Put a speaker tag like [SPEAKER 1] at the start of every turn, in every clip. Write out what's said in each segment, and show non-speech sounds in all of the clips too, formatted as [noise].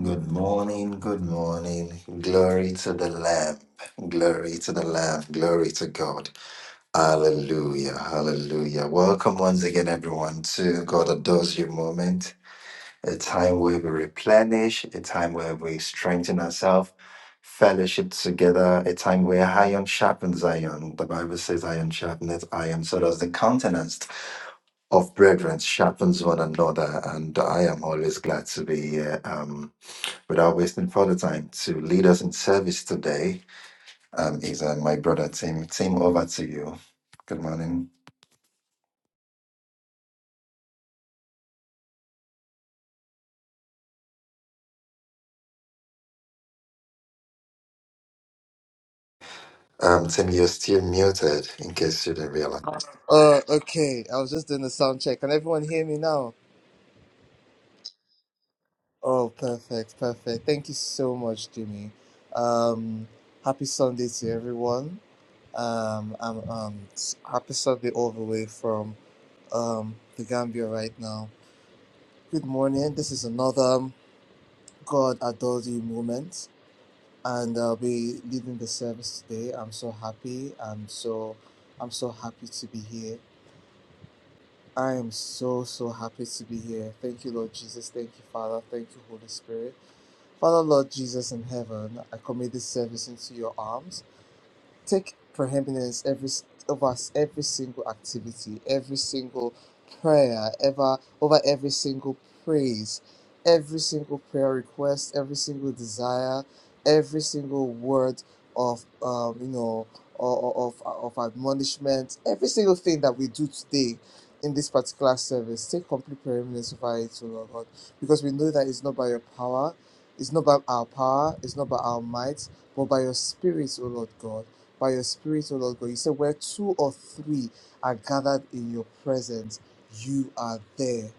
[SPEAKER 1] Good morning, good morning. Glory to the Lamb. Glory to the Lamb. Glory to God. Hallelujah. Hallelujah. Welcome once again, everyone, to God Adores You moment, a time where we replenish, a time where we strengthen ourselves, fellowship together, a time where iron sharpens iron. The Bible says, iron sharpens iron. So does the countenance of brethren sharpens one another. And I am always glad to be here. Um, Without wasting further time, to lead us in service today um, is uh, my brother Tim. Tim, over to you. Good morning. Um, Tim, you're still muted in case you didn't realize.
[SPEAKER 2] Uh, okay. I was just doing the sound check. Can everyone hear me now? Oh, perfect, perfect. Thank you so much, Jimmy. Um, happy Sunday to everyone. Um, I'm um s- happy Sunday all the way from um the Gambia right now. Good morning. This is another God adores you moment, and I'll be leading the service today. I'm so happy. I'm so I'm so happy to be here. I am so, so happy to be here. Thank you, Lord Jesus. Thank you, Father. Thank you, Holy Spirit. Father, Lord Jesus in heaven, I commit this service into your arms take preeminence every s- over s- every single activity, every single prayer, ever over every single praise, every single prayer request, every single desire, every single word of um, you know or of of admonishment, every single thing that we do today. In this particular service, take complete preeminence over it, O Lord God, because we know that it's not by your power, it's not by our power, it's not by our might, but by your spirit, O Lord God by your spirit, O Lord God. You said, Where two or three are gathered in your presence, you are there.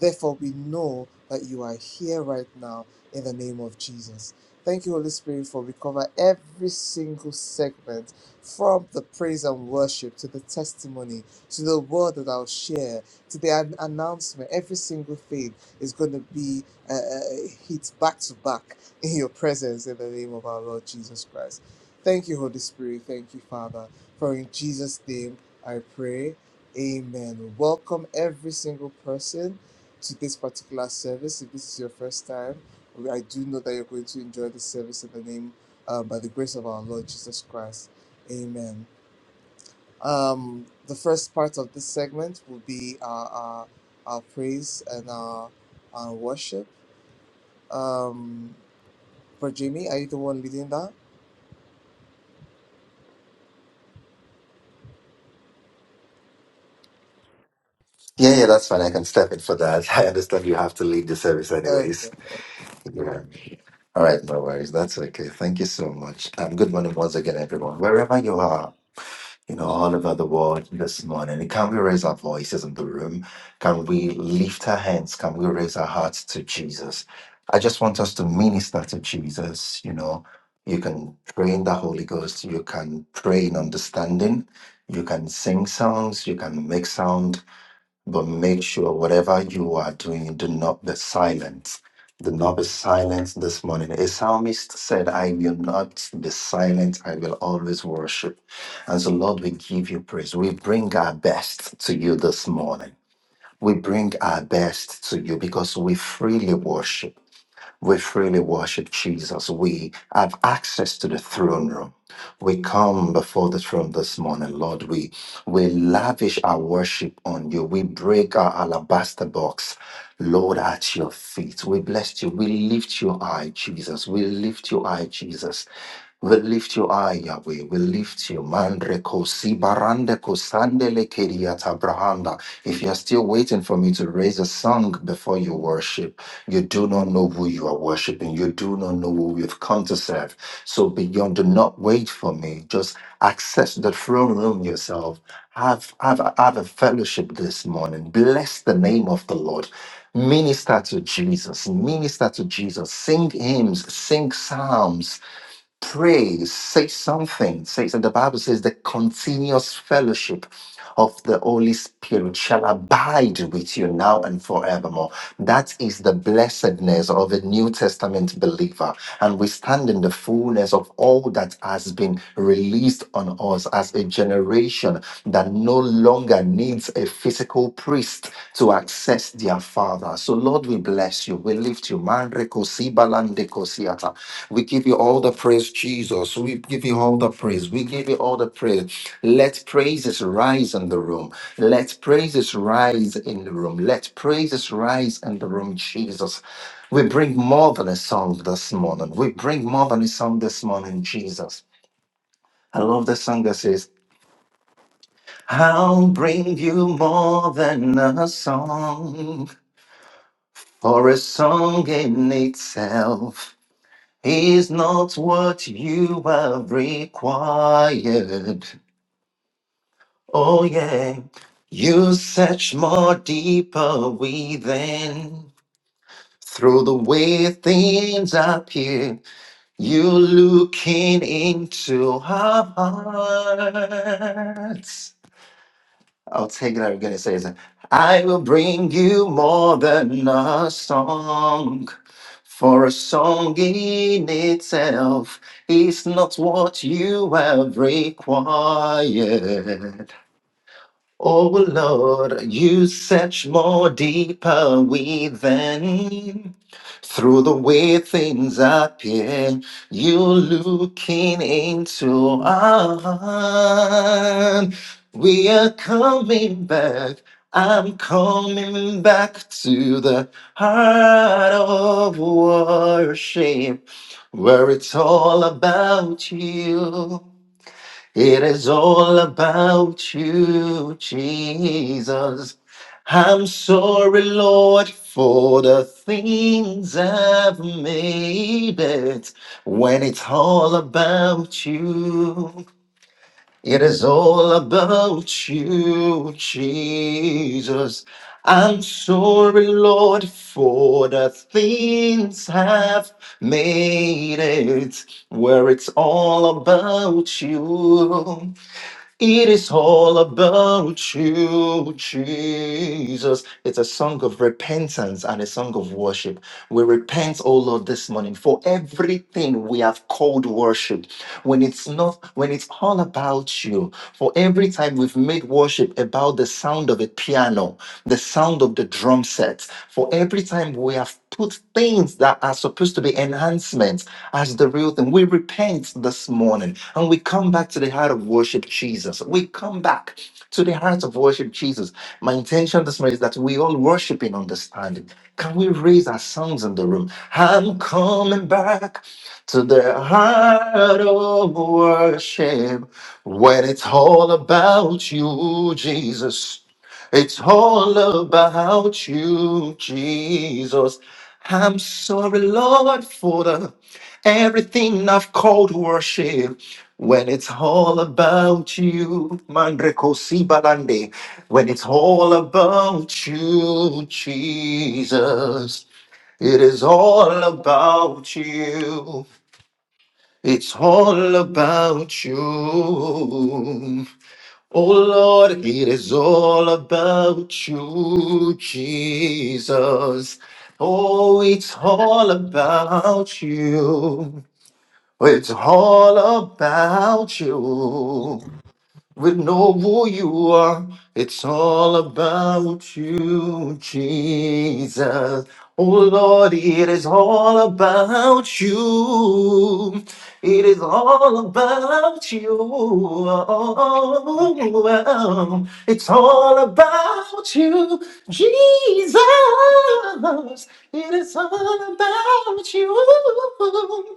[SPEAKER 2] Therefore, we know that you are here right now in the name of Jesus. Thank you, Holy Spirit, for we cover every single segment from the praise and worship to the testimony to the word that I'll share to the an- announcement. Every single thing is going to be uh, uh, hit back to back in your presence in the name of our Lord Jesus Christ. Thank you, Holy Spirit. Thank you, Father. For in Jesus' name I pray. Amen. Welcome every single person to this particular service. If this is your first time, I do know that you're going to enjoy the service in the name, uh, by the grace of our Lord Jesus Christ. Amen. Um, the first part of this segment will be our, our, our praise and our, our worship. Um, for Jamie, are you the one leading that?
[SPEAKER 1] Yeah, yeah, that's fine. I can step in for that. [laughs] I understand you have to lead the service
[SPEAKER 2] Okay.
[SPEAKER 1] anyways. Yeah. All right, no worries. That's okay. Thank you so much. Um, good morning once again, everyone. Wherever you are, you know, all over the world this morning. Can we raise our voices in the room? Can we lift our hands? Can we raise our hearts to Jesus? I just want us to minister to Jesus. You know, you can pray in the Holy Ghost, you can pray in understanding, you can sing songs, you can make sound but make sure whatever you are doing, do not be silent. Do not be silent this morning. A psalmist said, I will not be silent, I will always worship. And so, Lord, we give you praise. We bring our best to you this morning. We bring our best to you because we freely worship. We freely worship Jesus. We have access to the throne room. We come before the throne this morning, Lord. We we lavish our worship on you. We break our alabaster box, Lord, at your feet. We bless you. We lift you high, Jesus. We lift you high, Jesus. We lift you high, Yahweh. We lift you. Mandre kosi barande kosandele keriata brahanda. If you're still waiting for me to raise a song before you worship, you do not know who you are worshiping. You do not know who you've come to serve. So beyond, do not wait for me. Just access the throne room yourself. Have, have, have a fellowship this morning. Bless the name of the Lord. Minister to Jesus. Minister to Jesus. Sing hymns. Sing psalms Pray, say something. Say so the Bible says the continuous fellowship of the Holy Spirit shall abide with you now and forevermore. That is the blessedness of a New Testament believer. And we stand in the fullness of all that has been released on us as a generation that no longer needs a physical priest to access their Father. So, Lord, we bless you. We lift you. Manre kosi balande kosi we give you all the praise, Jesus. We give you all the praise. We give you all the praise. Let praises rise in the room. Let praises rise in the room. Let praises rise in the room, Jesus. We bring more than a song this morning. We bring more than a song this morning, Jesus. I love the song that says, I'll bring you more than a song, for a song in itself. is not what you have required. Oh, yeah. You search more deeper within. Through the way things appear, you're looking into our hearts. I'll take that again. It says, I will bring you more than a song, for a song in itself is not what you have required. Oh Lord, you search more deeper within. Through the way things appear, you're looking into our heart. We are coming back. I'm coming back to the heart of worship, where it's all about you. It is all about you, Jesus. I'm sorry, Lord, for the things I've made it when it's all about you. It is all about you, Jesus. I'm sorry, Lord, for the things I've made it where it's all about you. It is all about you, Jesus. It's a song of repentance and a song of worship. We repent, oh Lord, this morning for everything we have called worship. When it's not, when it's all about you, for every time we've made worship about the sound of a piano, the sound of the drum set, for every time we have put things that are supposed to be enhancements as the real thing, we repent this morning and we come back to the heart of worship Jesus. We come back to the heart of worship Jesus. My intention this morning is that we all worship in understanding. Can we raise our songs in the room? I'm coming back to the heart of worship when it's all about you, Jesus. It's all about you, Jesus. I'm sorry, Lord, for the Everything I've called worship when it's all about you, Mandreko Sibalande. When it's all about you, Jesus. It is all about you. It's all about you. Oh Lord, it is all about you, Jesus. Oh, it's all about you. It's all about you. We know who you are. It's all about you, Jesus. Oh Lord, it is all about you. It is all about you. Oh, It's all about you, Jesus. It is all about you.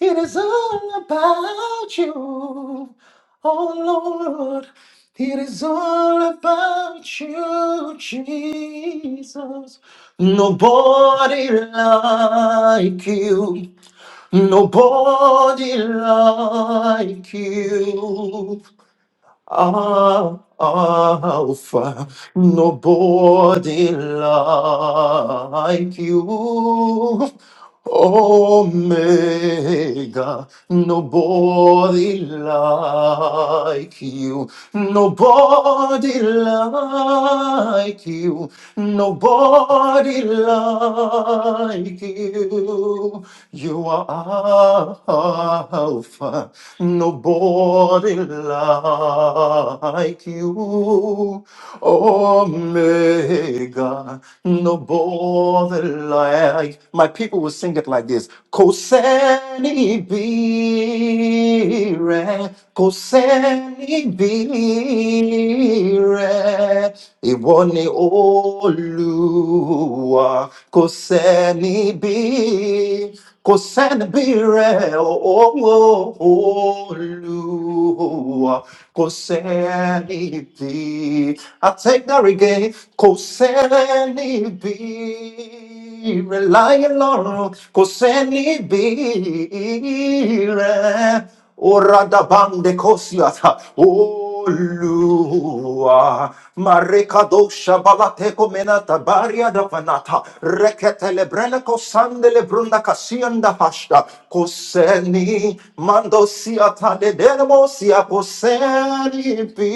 [SPEAKER 1] It is all about you. Oh Lord, it is all about you, Jesus. Nobody like you. Nobody like you. Alpha, nobody like you. Omega, nobody like you, nobody like you, nobody like you. You are Alpha, Nobody like you, Omega. Nobody like. My people will sing it like this: Koseni bire, Koseni bire, ìwọ ni Olúwa. Koseni bire re Kosenabire olu bi I take that again. Kosenibi relying bi kosenibi. Orada bande kosiata. Olua Marekadosha Balateko Menata Baria da Vanata Reketele Brenako Sandele Brunda Kasianda Hashta Koseni Mando Siata de Demosia Koseni Bi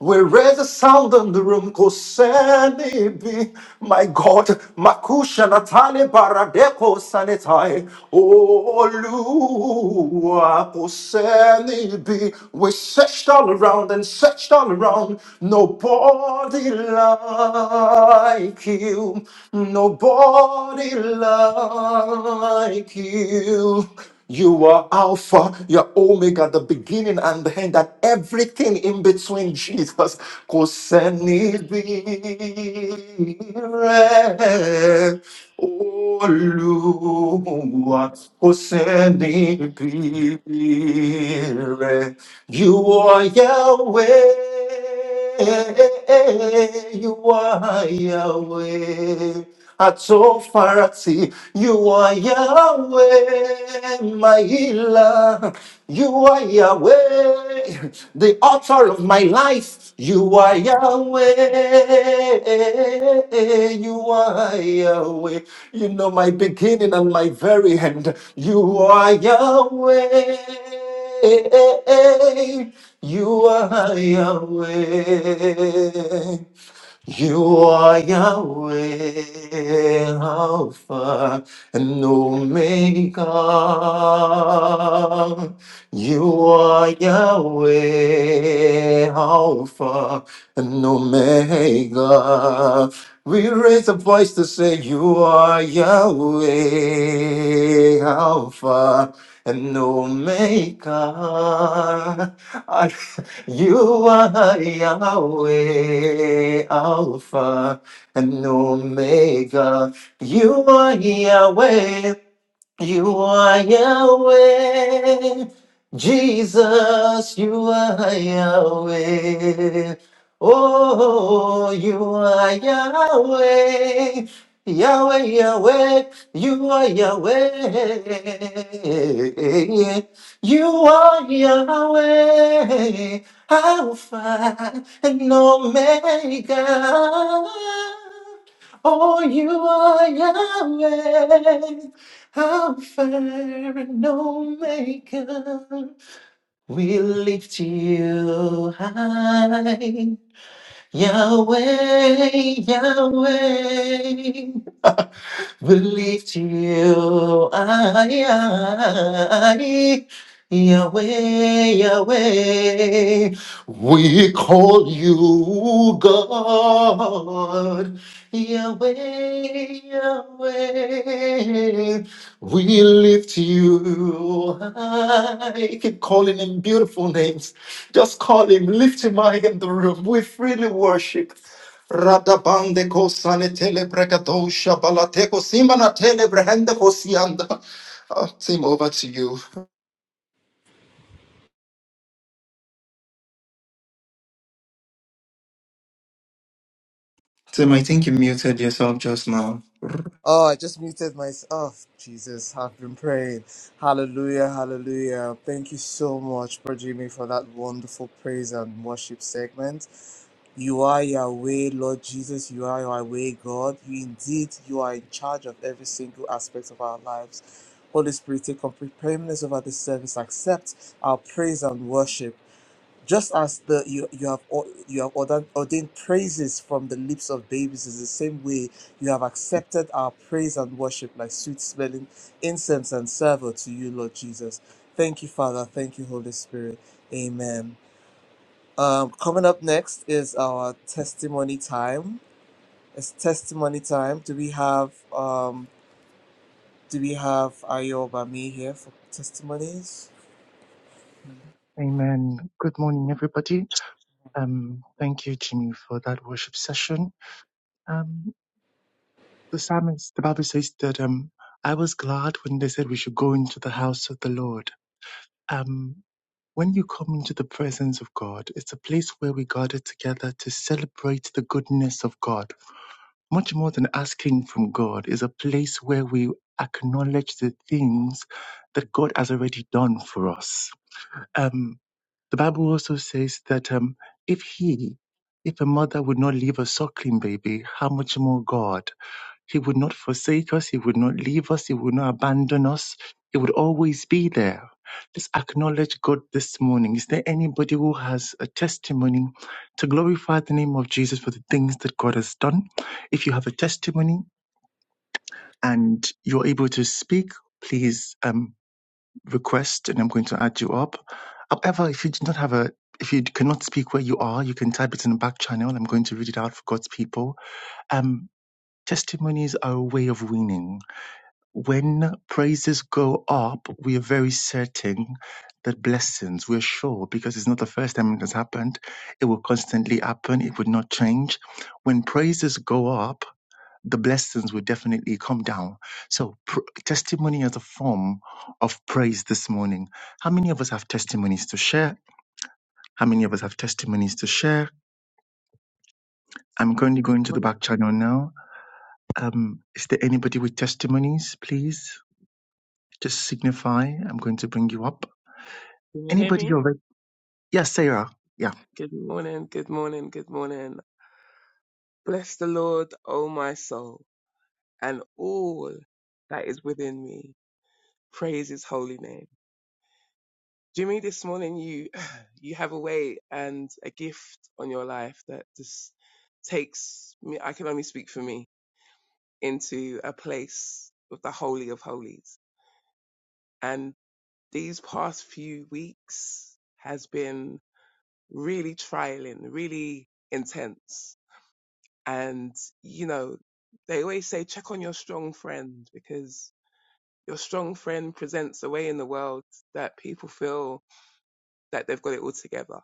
[SPEAKER 1] We raise a sound in the room Koseni Bi My God Makusha Natale Baradeko Sanitai Olua Koseni Bi we searched all around and searched all around. Nobody like you. Nobody like you. You are Alpha, you're Omega, the beginning and the end, and everything in between, Jesus. Koseni Olúwa kò sẹ́ni bí Spirit. You are Yahweh. You are Yahweh. Atsofarati, you are Yahweh, my healer. You are Yahweh, the author of my life. You are Yahweh, you are Yahweh. You know my beginning and my very end. You are Yahweh. You are Yahweh. You are Yahweh, Alpha and Omega. You are Yahweh, Alpha and Omega. We raise a voice to say, You are Yahweh, Alpha no maker. I- You are Yahweh, Alpha and Omega. You are Yahweh. You are Yahweh, Jesus, you are Yahweh. Oh, you are Yahweh, Yahweh, Yahweh, you are Yahweh. You are Yahweh, Alpha and Omega. Oh, you are Yahweh. I'm fair and no maker. We lift you high. Yahweh, Yahweh will lift you. I, Yahweh, Yahweh, we call you God. Yahweh, Yahweh, we lift you high. Keep calling him beautiful names. Just call him, lift him high in the room. We freely worship. Radabande ko sanitele balateko simana tele kosianda. Oh, Tim, over to you. Tim, I think you muted yourself just now.
[SPEAKER 2] Oh, I just muted myself. Oh, Jesus, I've been praying. Hallelujah, hallelujah. Thank you so much, Bro Jimmy, for that wonderful praise and worship segment. You are Yahweh, Lord Jesus. You are Yahweh, God. You indeed, you are in charge of every single aspect of our lives. Holy Spirit, take complete preeminence over this service. Accept our praise and worship. Just as the you, you have or- you have ordained, ordained praises from the lips of babies is the same way you have accepted our praise and worship like sweet smelling incense and savour to you, Lord Jesus. Thank you, Father. Thank you, Holy Spirit. Amen. Um, coming up next is our testimony time. It's testimony time. Do we have um, do we have Ayobami here for testimonies?
[SPEAKER 3] Amen. Good morning, everybody. Um, thank you, Jimmy, for that worship session. Um, the psalmist, the Bible says that um, I was glad when they said we should go into the house of the Lord. Um, when you come into the presence of God, it's a place where we gather together to celebrate the goodness of God. Much more than asking from God is a place where we acknowledge the things that God has already done for us. Um, The Bible also says that um, if he, if a mother would not leave a suckling baby, how much more God? He would not forsake us. He would not leave us. He would not abandon us. He would always be there. Let's acknowledge God this morning. Is there anybody who has a testimony to glorify the name of Jesus for the things that God has done? If you have a testimony and you're able to speak, please. Um, request and I'm going to add you up. However, if you do not have a if you cannot speak where you are, you can type it in the back channel. I'm going to read it out for God's people. Um, testimonies are a way of winning. When praises go up, we are very certain that blessings, we're sure, because it's not the first time it has happened. It will constantly happen. It would not change. When praises go up, the blessings will definitely come down. So, pr- testimony as a form of praise this morning. How many of us have testimonies to share? How many of us have testimonies to share? I'm currently going to the
[SPEAKER 4] Morning.
[SPEAKER 3] back channel now. Um, is there anybody with testimonies? Please just signify. I'm going to bring you up.
[SPEAKER 4] Can you hear
[SPEAKER 3] Anybody
[SPEAKER 4] me?
[SPEAKER 3] over? Yes, Sarah. Yeah.
[SPEAKER 4] Good morning, good morning, good morning. Bless the Lord, O my soul, and all that is within me. Praise his holy name. Jimmy, this morning you [sighs] you have a way and a gift on your life that just takes me I can only speak for me into a place of the holy of holies. And these past few weeks has been really trialing, really intense And, you know, they always say check on your strong friend because your strong friend presents a way in the world that people feel that they've got it all together.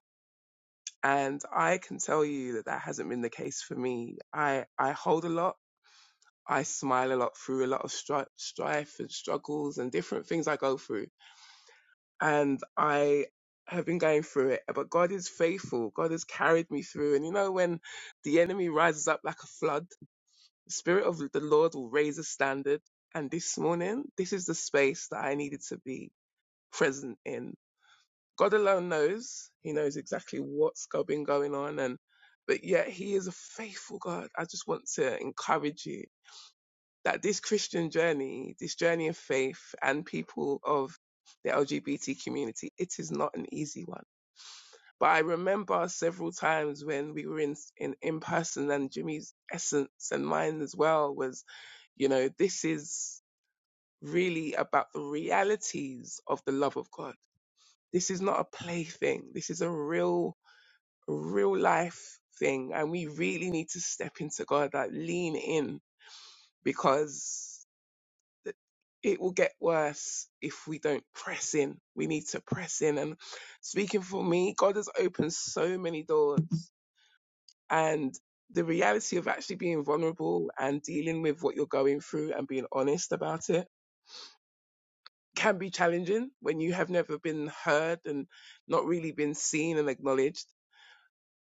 [SPEAKER 4] And I can tell you that that hasn't been the case for me. I, I hold a lot. I smile a lot through a lot of stri- strife and struggles and different things I go through. And I have been going through it, but God is faithful. God has carried me through. And you know, when the enemy rises up like a flood, The Spirit of the Lord will raise a standard. And this morning, this is the space that I needed to be present in. God alone knows. He knows exactly what's go- been going on. And, but yet he is a faithful God. I just want to encourage you that this Christian journey, this journey of faith and people of the LGBT community, it is not an easy one. But I remember several times when we were in, in, in person and Jimmy's essence and mine as well was you know, this is really about the realities of the love of God. This is not a plaything. This is a real, real life thing. And we really need to step into God, like lean in because th- it will get worse if we don't press in. We need to press in. And speaking for me, God has opened so many doors and the reality of actually being vulnerable and dealing with what you're going through and being honest about it can be challenging when you have never been heard and not really been seen and acknowledged.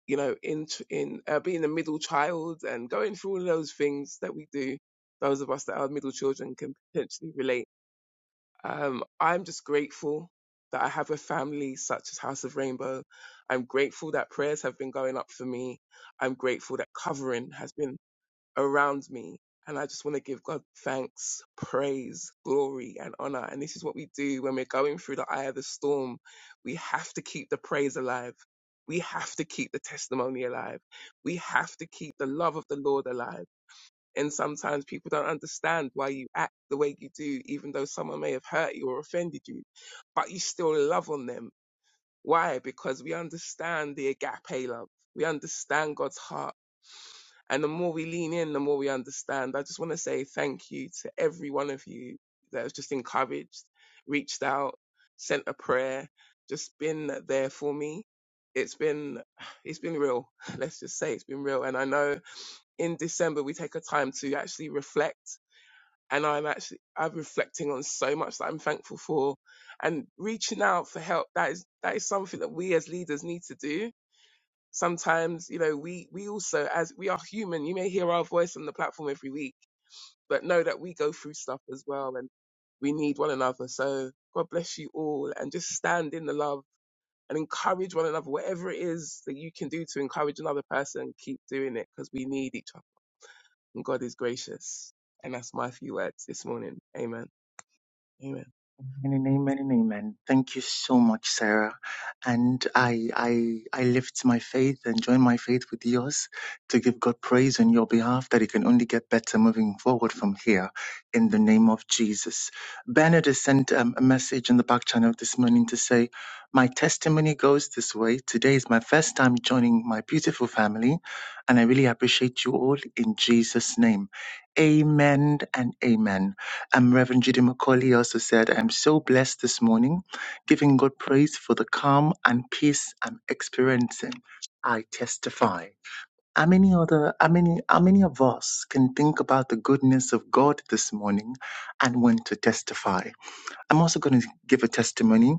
[SPEAKER 4] You know, in in uh, being a middle child and going through all of those things that we do, those of us that are middle children can potentially relate. Um, I'm just grateful that I have a family such as House of Rainbow. I'm grateful that prayers have been going up for me. I'm grateful that covering has been around me. And I just want to give God thanks, praise, glory, and honor. And this is what we do when we're going through the eye of the storm. We have to keep the praise alive. We have to keep the testimony alive. We have to keep the love of the Lord alive. And sometimes people don't understand why you act the way you do, even though someone may have hurt you or offended you, but you still love on them. Why? Because we understand the agape love. We understand God's heart and the more we lean in, the more we understand. I just want to say thank you to every one of you that has just encouraged, reached out, sent a prayer, just been there for me. It's been, it's been real. [laughs] Let's just say it's been real. And I know in December we take a time to actually reflect. And I'm actually, I'm reflecting on so much that I'm thankful for and reaching out for help. That is, that is something that we as leaders need to do sometimes you know we we also as we are human you may hear our voice on the platform every week but know that we go through stuff as well and we need one another so god bless you all and just stand in the love and encourage one another whatever it is that you can do to encourage another person keep doing it because we need each other and god is gracious and that's my few words this morning amen amen
[SPEAKER 3] Amen, amen, and amen. Thank you so much, Sarah. And I, I, I lift my faith and join my faith with yours to give God praise on your behalf that it can only get better moving forward from here in the name of Jesus. Bernard has sent um, a message in the back channel this morning to say, my testimony goes this way. Today is my first time joining my beautiful family and I really appreciate you all in Jesus name. Amen and amen. Um, Reverend Judy McCauley also said, I'm so blessed this morning, giving God praise for the calm and peace I'm experiencing. I testify. How many other, how many, how many of us can think about the goodness of God this morning and want to testify? I'm also going to give a testimony.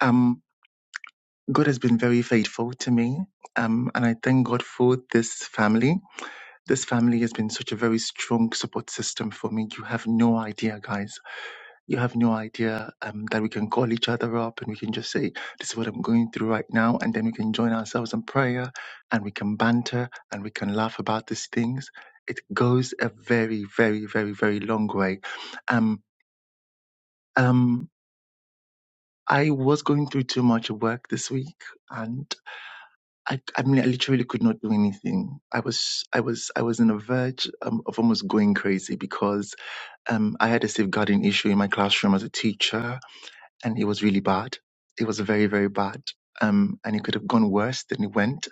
[SPEAKER 3] Um, God has been very faithful to me. Um, and I thank God for this family. This family has been such a very strong support system for me. You have no idea, guys you have no idea um, that we can call each other up and we can just say, This is what I'm going through right now. And then we can join ourselves in prayer and we can banter and we can laugh about these things. It goes a very, very, very, very long way. Um, um, I was going through too much work this week and I, I mean, I literally could not do anything. I was, I was, I was on the verge um, of almost going crazy because um, I had a safeguarding issue in my classroom as a teacher and it was really bad. It was very, very bad. Um, and it could have gone worse than it went.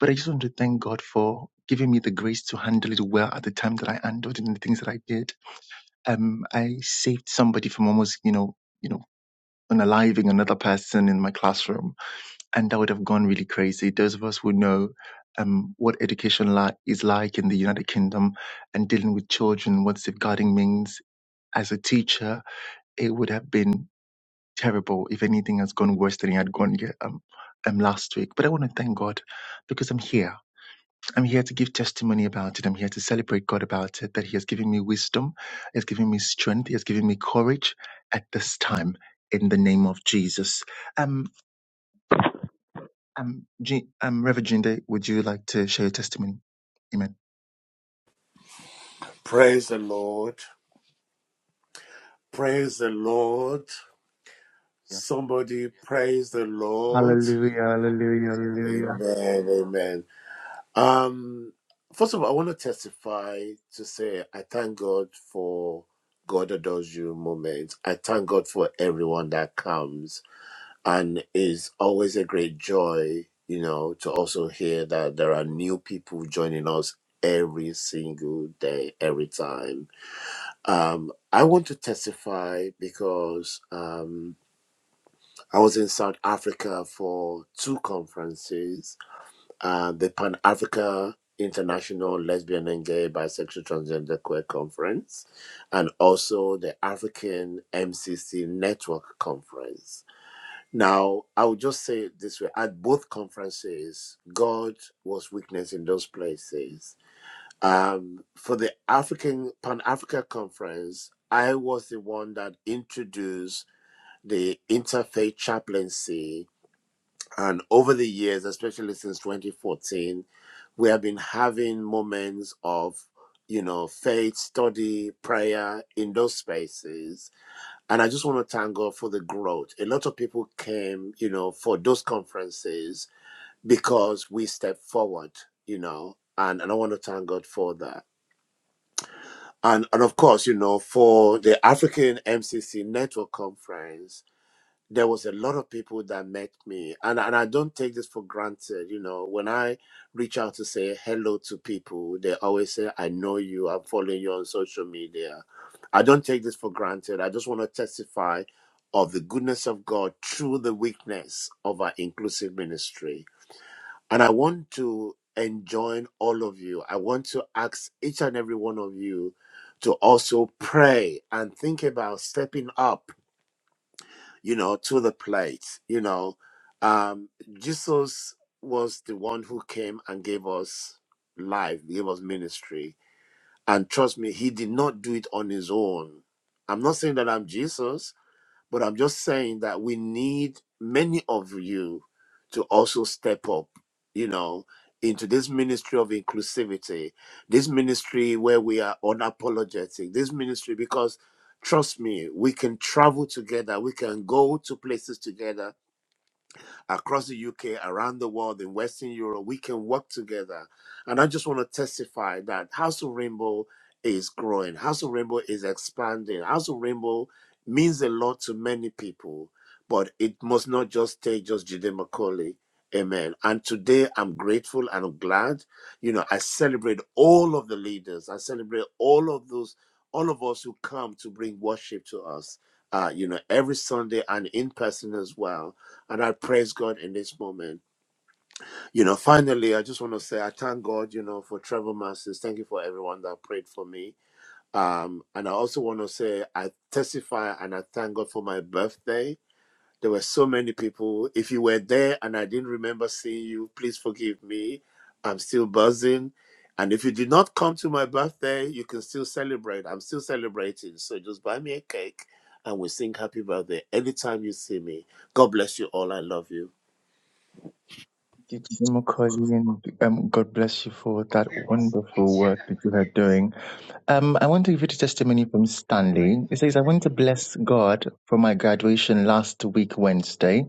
[SPEAKER 3] But I just want to thank God for giving me the grace to handle it well at the time that I handled it and the things that I did. Um, I saved somebody from almost, you know, you know, unaliving another person in my classroom, and that would have gone really crazy. Those of us who know um, what education li- is like in the United Kingdom and dealing with children, what safeguarding means as a teacher, it would have been terrible. If anything has gone worse than it had gone yeah, um, um, last week. But I want to thank God because I'm here. I'm here to give testimony about it. I'm here to celebrate God about it, that He has given me wisdom, He has given me strength, He has given me courage at this time in the name of Jesus. Um, um, G- um Reverend Jinde, would you like to share your testimony? Amen.
[SPEAKER 5] Praise the Lord. Praise the Lord.
[SPEAKER 3] Yeah.
[SPEAKER 5] Somebody praise the Lord.
[SPEAKER 3] Hallelujah, hallelujah, hallelujah.
[SPEAKER 5] Amen. Amen. Um, first of all, I want to testify to say I thank God for God adores you moments. I thank God for everyone that comes, and it's always a great joy, you know, to also hear that there are new people joining us every single day, every time Um, I want to testify because um, I was in South Africa for two conferences uh, the Pan Africa International Lesbian and Gay Bisexual Transgender Queer Conference, and also the African MCC Network Conference. Now, I would just say it this way at both conferences, God was witness in those places um, for the African Pan Africa Conference, I was the one that introduced the interfaith chaplaincy, and over the years, especially since 2014, we have been having moments of you know faith study prayer in those spaces and i just want to thank god for the growth a lot of people came you know for those conferences because we stepped forward you know and, and i want to thank god for that And, and of course, you know, for the African MCC Network Conference, there was a lot of people that met me. And, and I don't take this for granted. You know, when I reach out to say hello to people, they always say, I know you, I'm following you on social media. I don't take this for granted. I just want to testify of the goodness of God through the weakness of our inclusive ministry and I want to enjoin all of you. I want to ask each and every one of you to also pray and think about stepping up, you know, to the plate. You know, um, Jesus was the one who came and gave us life, gave us ministry. And trust me, he did not do it on his own. I'm not saying that I'm Jesus, but I'm just saying that we need many of you to also step up, you know, into this ministry of inclusivity, this ministry where we are unapologetic, this ministry because trust me, we can travel together, we can go to places together, across the UK, around the world, in Western Europe. We can work together. And I just want to testify that House of Rainbow is growing, House of Rainbow is expanding. House of Rainbow means a lot to many people, but it must not just stay just Jude McCauley. Amen. And today I'm grateful and I'm glad. You know, I celebrate all of the leaders. I celebrate all of those, all of us who come to bring worship to us. Uh, you know, every Sunday and in person as well and I praise God in this moment. You know, finally, I just want to say I thank God, you know, for Trevor Masters. Thank you for everyone that prayed for me. Um, and I also want to say I testify and I thank God for my birthday. There were so many people. If you were there and I didn't remember seeing you, please forgive me. I'm still buzzing. And if you did not come to my birthday, you can still celebrate. I'm still celebrating. So just buy me a cake and we sing happy birthday anytime you see me. God bless you all. I love you.
[SPEAKER 3] Thank you, Jide Macaulay, and, Um, God bless you for that wonderful work that you are doing. Um, I want to read a testimony from Stanley. It says, I want to bless God for my graduation last week, Wednesday.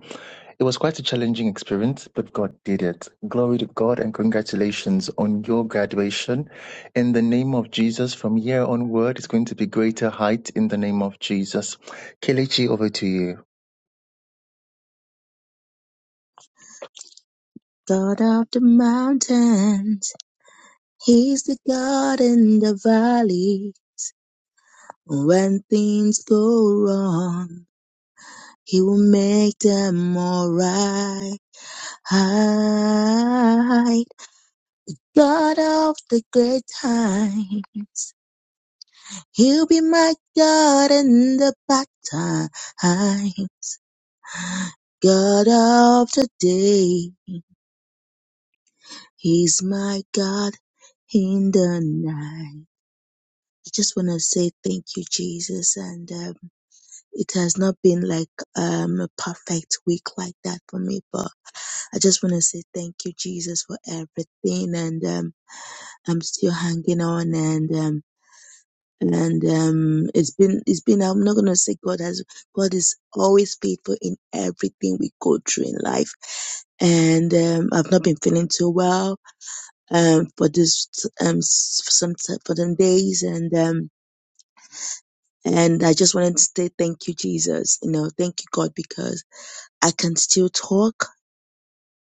[SPEAKER 3] It was quite a challenging experience, but God did it. Glory to God and congratulations on your graduation. In the name of Jesus, from here onward, it's going to be greater height in the name of Jesus. Kelechi, over to you.
[SPEAKER 6] God of the mountains, He's the God in the valley. When things go wrong, He will make them alright. God of the great times, He'll be my God in the bad time. God of the day, He's my God in the night. I just want to say thank you, Jesus, and uh, it has not been like um a perfect week like that for me but i just want to say thank you jesus for everything and um i'm still hanging on and um and um it's been it's been i'm not gonna say god has god is always faithful in everything we go through in life and um, I've not been feeling too well um, for this um, s- for some t- for them days, and um, and I just wanted to say thank you, Jesus. You know, thank you, God, because. I can still talk.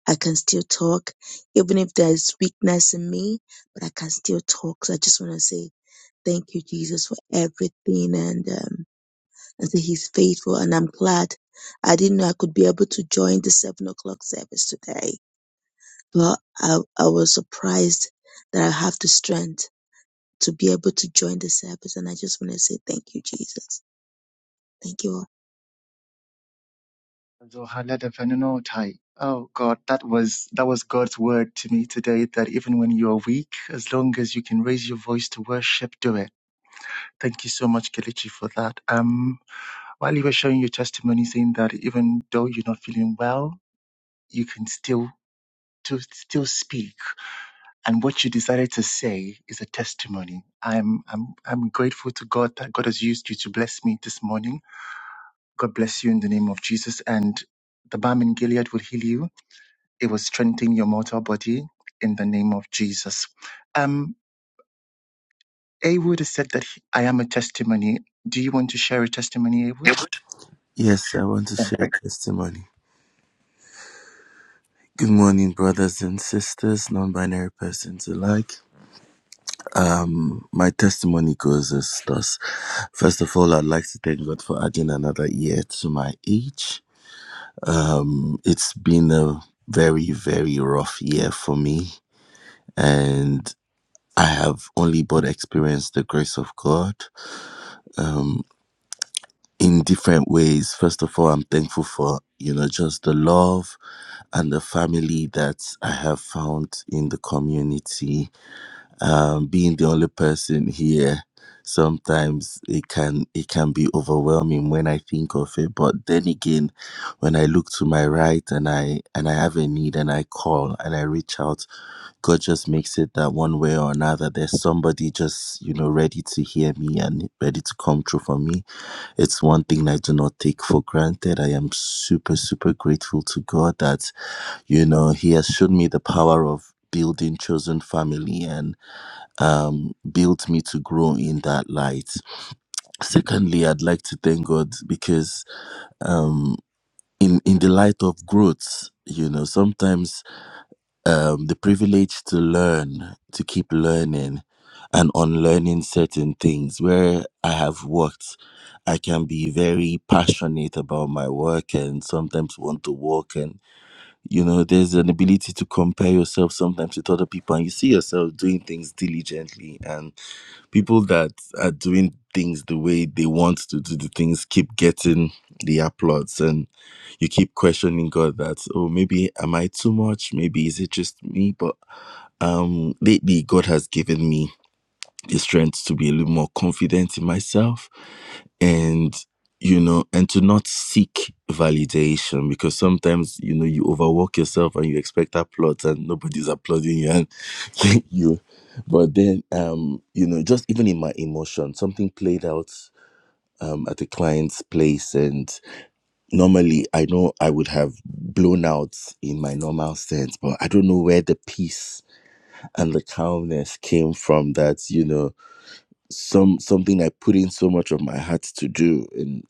[SPEAKER 6] I can still talk, even if there's weakness in me, but I can still talk. So I just want to say thank you, Jesus, for everything and, um, and say he's faithful. And I'm glad I didn't know I could be able to join the seven o'clock service today, but I, I was surprised that I have the strength to be able to join the service. And I just want to say thank you, Jesus. Thank you all.
[SPEAKER 3] Oh God, that was that was God's word to me today that even when you are weak, as long as you can raise your voice to worship, do it Thank you so much, Kelechi, for that. Um, while you were sharing your testimony, saying that even though you're not feeling well, you can still to still speak, and what you decided to say is a testimony. I'm I'm I'm grateful to God that God has used you to bless me this morning. God bless you in the name of Jesus, and the balm in Gilead will heal you. It will strengthen your mortal body in the name of Jesus. Um, Awood has said that he- I am a testimony. Do you want to share a testimony, Awood?
[SPEAKER 7] Yes, I want to share testimony. Good morning, brothers and sisters, non binary persons alike. Mm, My testimony goes as thus. First of all, I'd like to thank God for adding another year to my age. Um, it's been a very, very rough year for me, and I have only but experienced the grace of God. Um, in different ways. First of all, I'm thankful for, you know, just the love and the family that I have found in the community. Um, being the only person here, sometimes it can it can be overwhelming when I think of it. But then again, when I look to my right and I and I have a need and I call and I reach out, God just makes it that one way or another. There's somebody just you know ready to hear me and ready to come through for me it's one thing I do not take for granted. I am super, super grateful to God that, you know, He has shown me the power of building chosen family and um, built me to grow in that light. Secondly, I'd like to thank God because um, in in the light of growth, you know, sometimes um, the privilege to learn, to keep learning and unlearning certain things. Where I have worked, I can be very passionate about my work and sometimes want to work. And, you know, there's an ability to compare yourself sometimes with other people and you see yourself doing things diligently. and people that are doing things the way they want to do the things keep getting the applauds and you keep questioning god that oh maybe am i too much maybe is it just me but um lately god has given me the strength to be a little more confident in myself and you know and to not seek validation because sometimes you know you overwork yourself and you expect applause and nobody's applauding you and [laughs] you but then um you know just even in my emotion something played out um, at a client's place and normally i know i would have blown out in my normal sense but i don't know where the peace and the calmness came from that you know some something I put in so much of my heart to do, and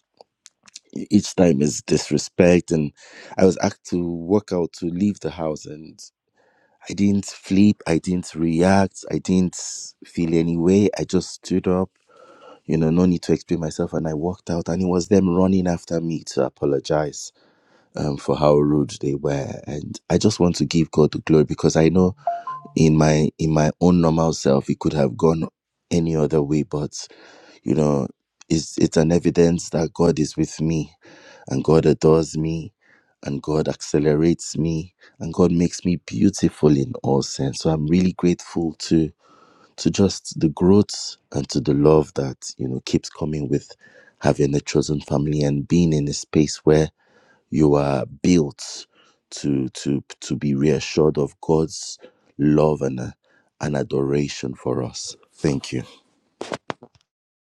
[SPEAKER 7] e- each time is disrespect. And I was asked to walk out to leave the house, and I didn't flip, I didn't react, I didn't feel any way. I just stood up, you know, no need to explain myself, and I walked out. And it was them running after me to apologize um, for how rude they were. And I just want to give God the glory because I know in my in my own normal self it could have gone any other way, but you know, it's it's an evidence that God is with me and God adores me and God accelerates me and God makes me beautiful in all sense. So I'm really grateful to to just the growth and to the love that, you know, keeps coming with having a chosen family and being in a space where you are built to to to be reassured of God's love and uh, and adoration for us. Thank you.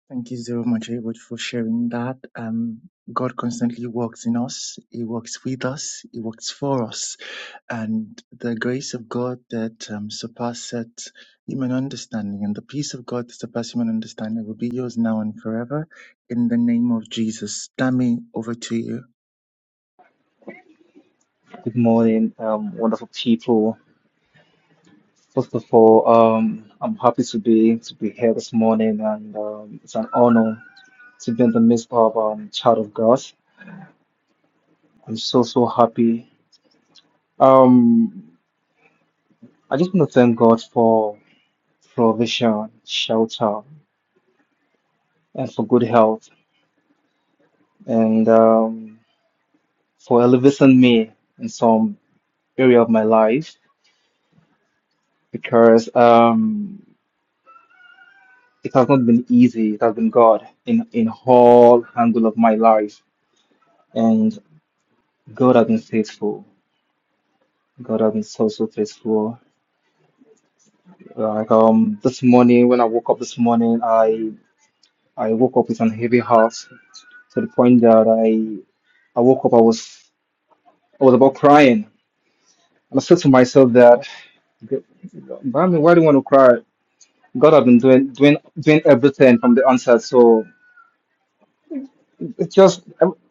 [SPEAKER 3] Thank you so much, Edward, for sharing that. Um, God constantly works in us. He works with us. He works for us. And the grace of God that um, surpasses human understanding and the peace of God that surpasses human understanding will be yours now and forever. In the name of Jesus. Dami, over to you.
[SPEAKER 8] Good morning, um, wonderful people. First of all, um, I'm happy to be to be here this morning, and um, it's an honor to be in the midst of um, child of God. I'm so so happy. Um, I just want to thank God for provision, shelter, and for good health, and um, for elevating me in some area of my life because um, it has not been easy. It has been God in in all angle of my life and God has been faithful. God has been so so faithful. Like um this morning when I woke up this morning, I I woke up with an heavy heart to the point that I I woke up I was I was about crying. And I said to myself that I mean, why do you want to cry? God has been doing doing doing everything from the onset. So it's just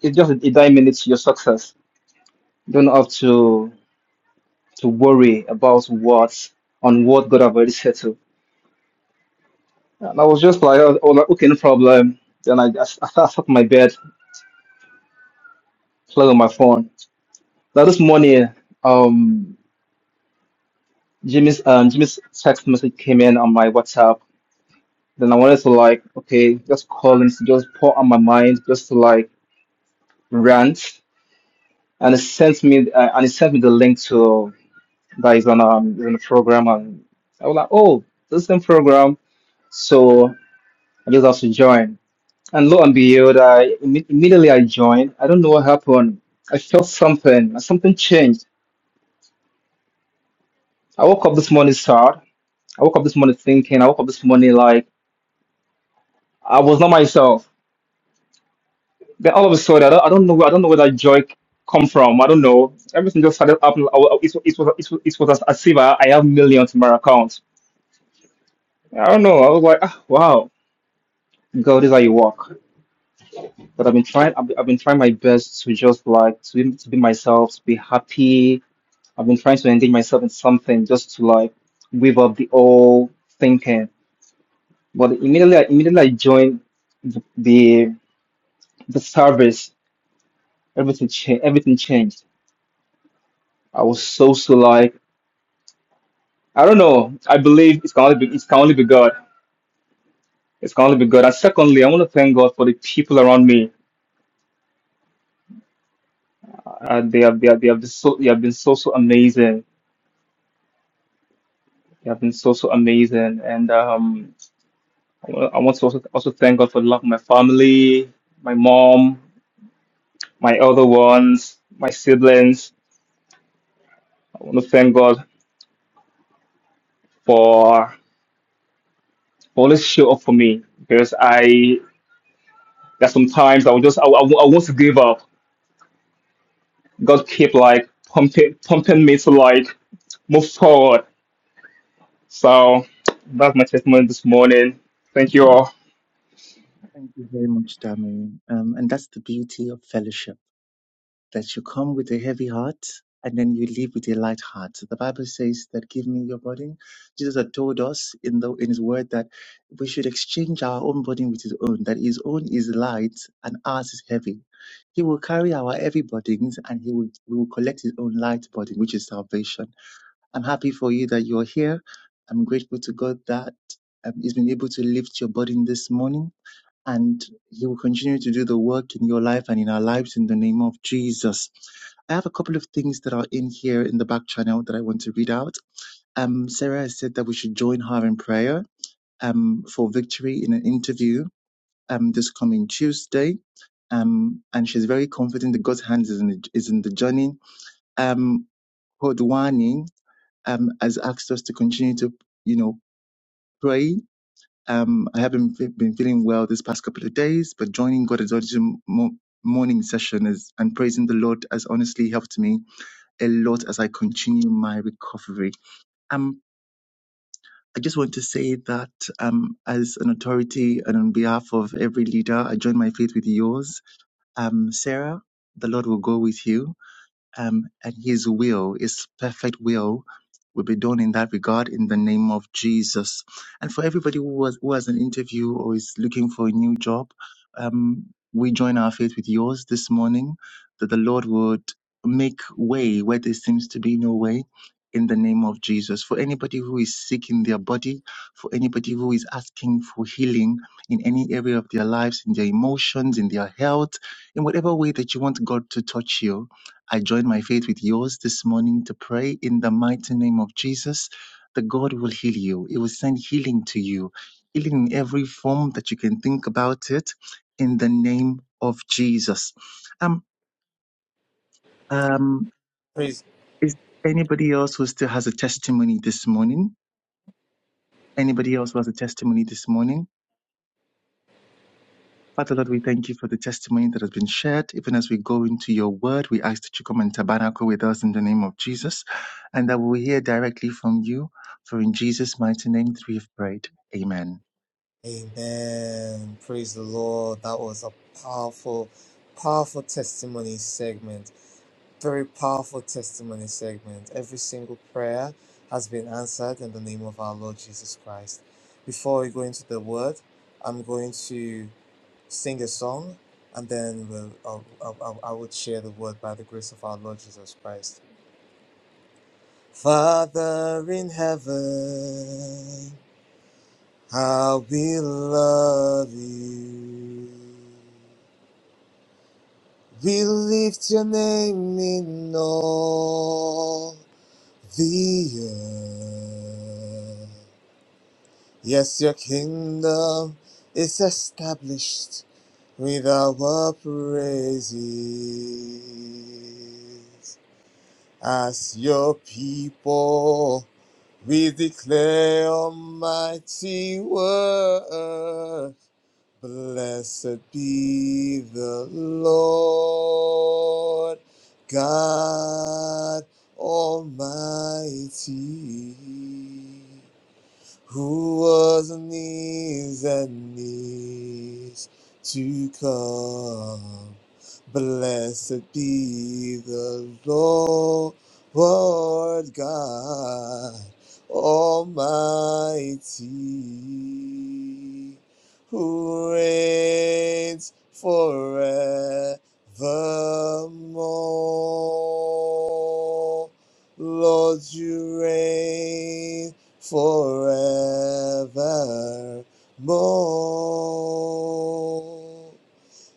[SPEAKER 8] it's just a dime minutes to your success. You don't have to to worry about what on what God have already settled And I was just like, oh, oh, like, okay, no problem. Then I just [laughs] I sat up in my bed, played on my phone. Now this morning, um, Jimmy's um, Jimmy's text message came in on my WhatsApp. Then I wanted to like, okay, just call him, to just pour on my mind, just to like rant. And it sent me uh, and it sent me the link to that is on um is on the program, and I was like, oh, this is the program. So I just have to join. And lo and behold, I imme- immediately I joined. I don't know what happened. I felt something. Something changed. I woke up this morning sad. I woke up this morning thinking. I woke up this morning like I was not myself. Then all of a sudden, I don't, I don't know. I don't know where that joy come from. I don't know. Everything just started up. I wa- It was, it was, it was, it was as as if I I have millions in my account. I don't know. I was like, ah, wow, God, this is how you walk. But I've been trying. I've been, I've been trying my best to just like to be, to be myself, to be happy, I've been trying to engage myself in something just to like weave up the old thinking. But immediately, I, immediately I joined the the, the service. Everything changed. Everything changed. I was so so like I don't know. I believe it's can only be, it can only be God. It's can only be God. And secondly, I want to thank God for the people around me. Uh, they have they have they have been so they have been so so amazing. They have been so so amazing. And um, I wa- I want to also also thank God for the love of my family, my mom. my other ones, my siblings. I want to thank God for for always show up for me because I there's sometimes I will just I, I, I want to give up. God keep like pumping pumping me to like move forward. So that's my testimony this morning. Thank you all.
[SPEAKER 3] Thank you very much, Dami. Um, and that's the beauty of fellowship. that you come with a heavy heart and then you leave with a light heart. The Bible says that give me your burden. Jesus had told us in the in his word that we should exchange our own burden with his own, that his own is light and ours is heavy. He will carry our heavy burdens and he will, we will collect his own light burden, which is salvation. I'm happy for you that you're here. I'm grateful to God that um, he's been able to lift your burden this morning and He will continue to do the work in your life and in our lives in the name of Jesus. I have a couple of things that are in here in the back channel that I want to read out. Um, Sarah has said that we should join her in prayer um, for victory in an interview um, this coming Tuesday. Um, and she's very confident that God's hands is in the, is in the journey. Um, Kodwani um, has asked us to continue to, you know, pray um, I haven't fe- been feeling well this past couple of days, but joining God's Exalted mo- morning session is, and praising the Lord has honestly helped me a lot as I continue my recovery. Um, I just want to say that um, as an authority and on behalf of every leader, I join my faith with yours. Um, Sarah, the Lord will go with you um, and his will, his perfect will, will be done in that regard in the name of Jesus. And for everybody who, was, who has an interview or is looking for a new job, um, we join our faith with yours this morning that the Lord would make way where there seems to be no way in the name of Jesus. For anybody who is sick in their body, for anybody who is asking for healing in any area of their lives, in their emotions, in their health, in whatever way that you want God to touch you I join my faith with yours this morning to pray in the mighty name of Jesus that God will heal you. He will send healing to you, healing in every form that you can think about it in the name of Jesus. Um, um, is anybody else who still has a testimony this morning? Anybody else who has a testimony this morning? Father Lord, we thank you for the testimony that has been shared. Even as we go into your word, we ask that you come and tabernacle with us in the name of Jesus and that we will hear directly from you. For in Jesus' mighty name that we have prayed. Amen.
[SPEAKER 2] Amen. Praise the Lord. That was a powerful, powerful testimony segment. Very powerful testimony segment. Every single prayer has been answered in the name of our Lord Jesus Christ. Before we go into the word, I'm going to sing a song and then we'll, I'll, I'll, I'll- share the word by the grace of our Lord Jesus Christ. Father in heaven. How we love you. We lift your name in all the earth. Yes, your kingdom is established with our praises. As your people, we declare almighty word. Blessed be the Lord God Almighty who was on knees and knees to come. Blessed be the Lord God Almighty, who reigns forevermore. Lord, you reign forevermore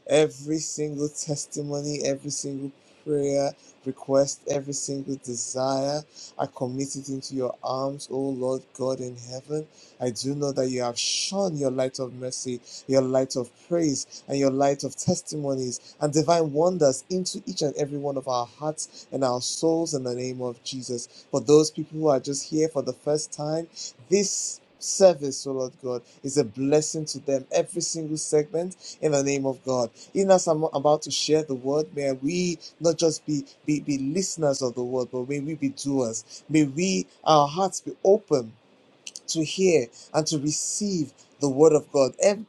[SPEAKER 2] every single testimony, every single prayer request, every single desire. I commit it into your arms, O Lord God in heaven. I do know that you have shone your light of mercy, your light of praise, and your light of testimonies and divine wonders into each and every one of our hearts and our souls in the name of Jesus. For those people who are just here for the first time, this service, O Lord God, is a blessing to them. Every single segment in the name of God. Even as I'm about to share the word, may we not just be, be, be listeners of the word, but may we be doers. May we, our hearts be open to hear and to receive the word of God. Every,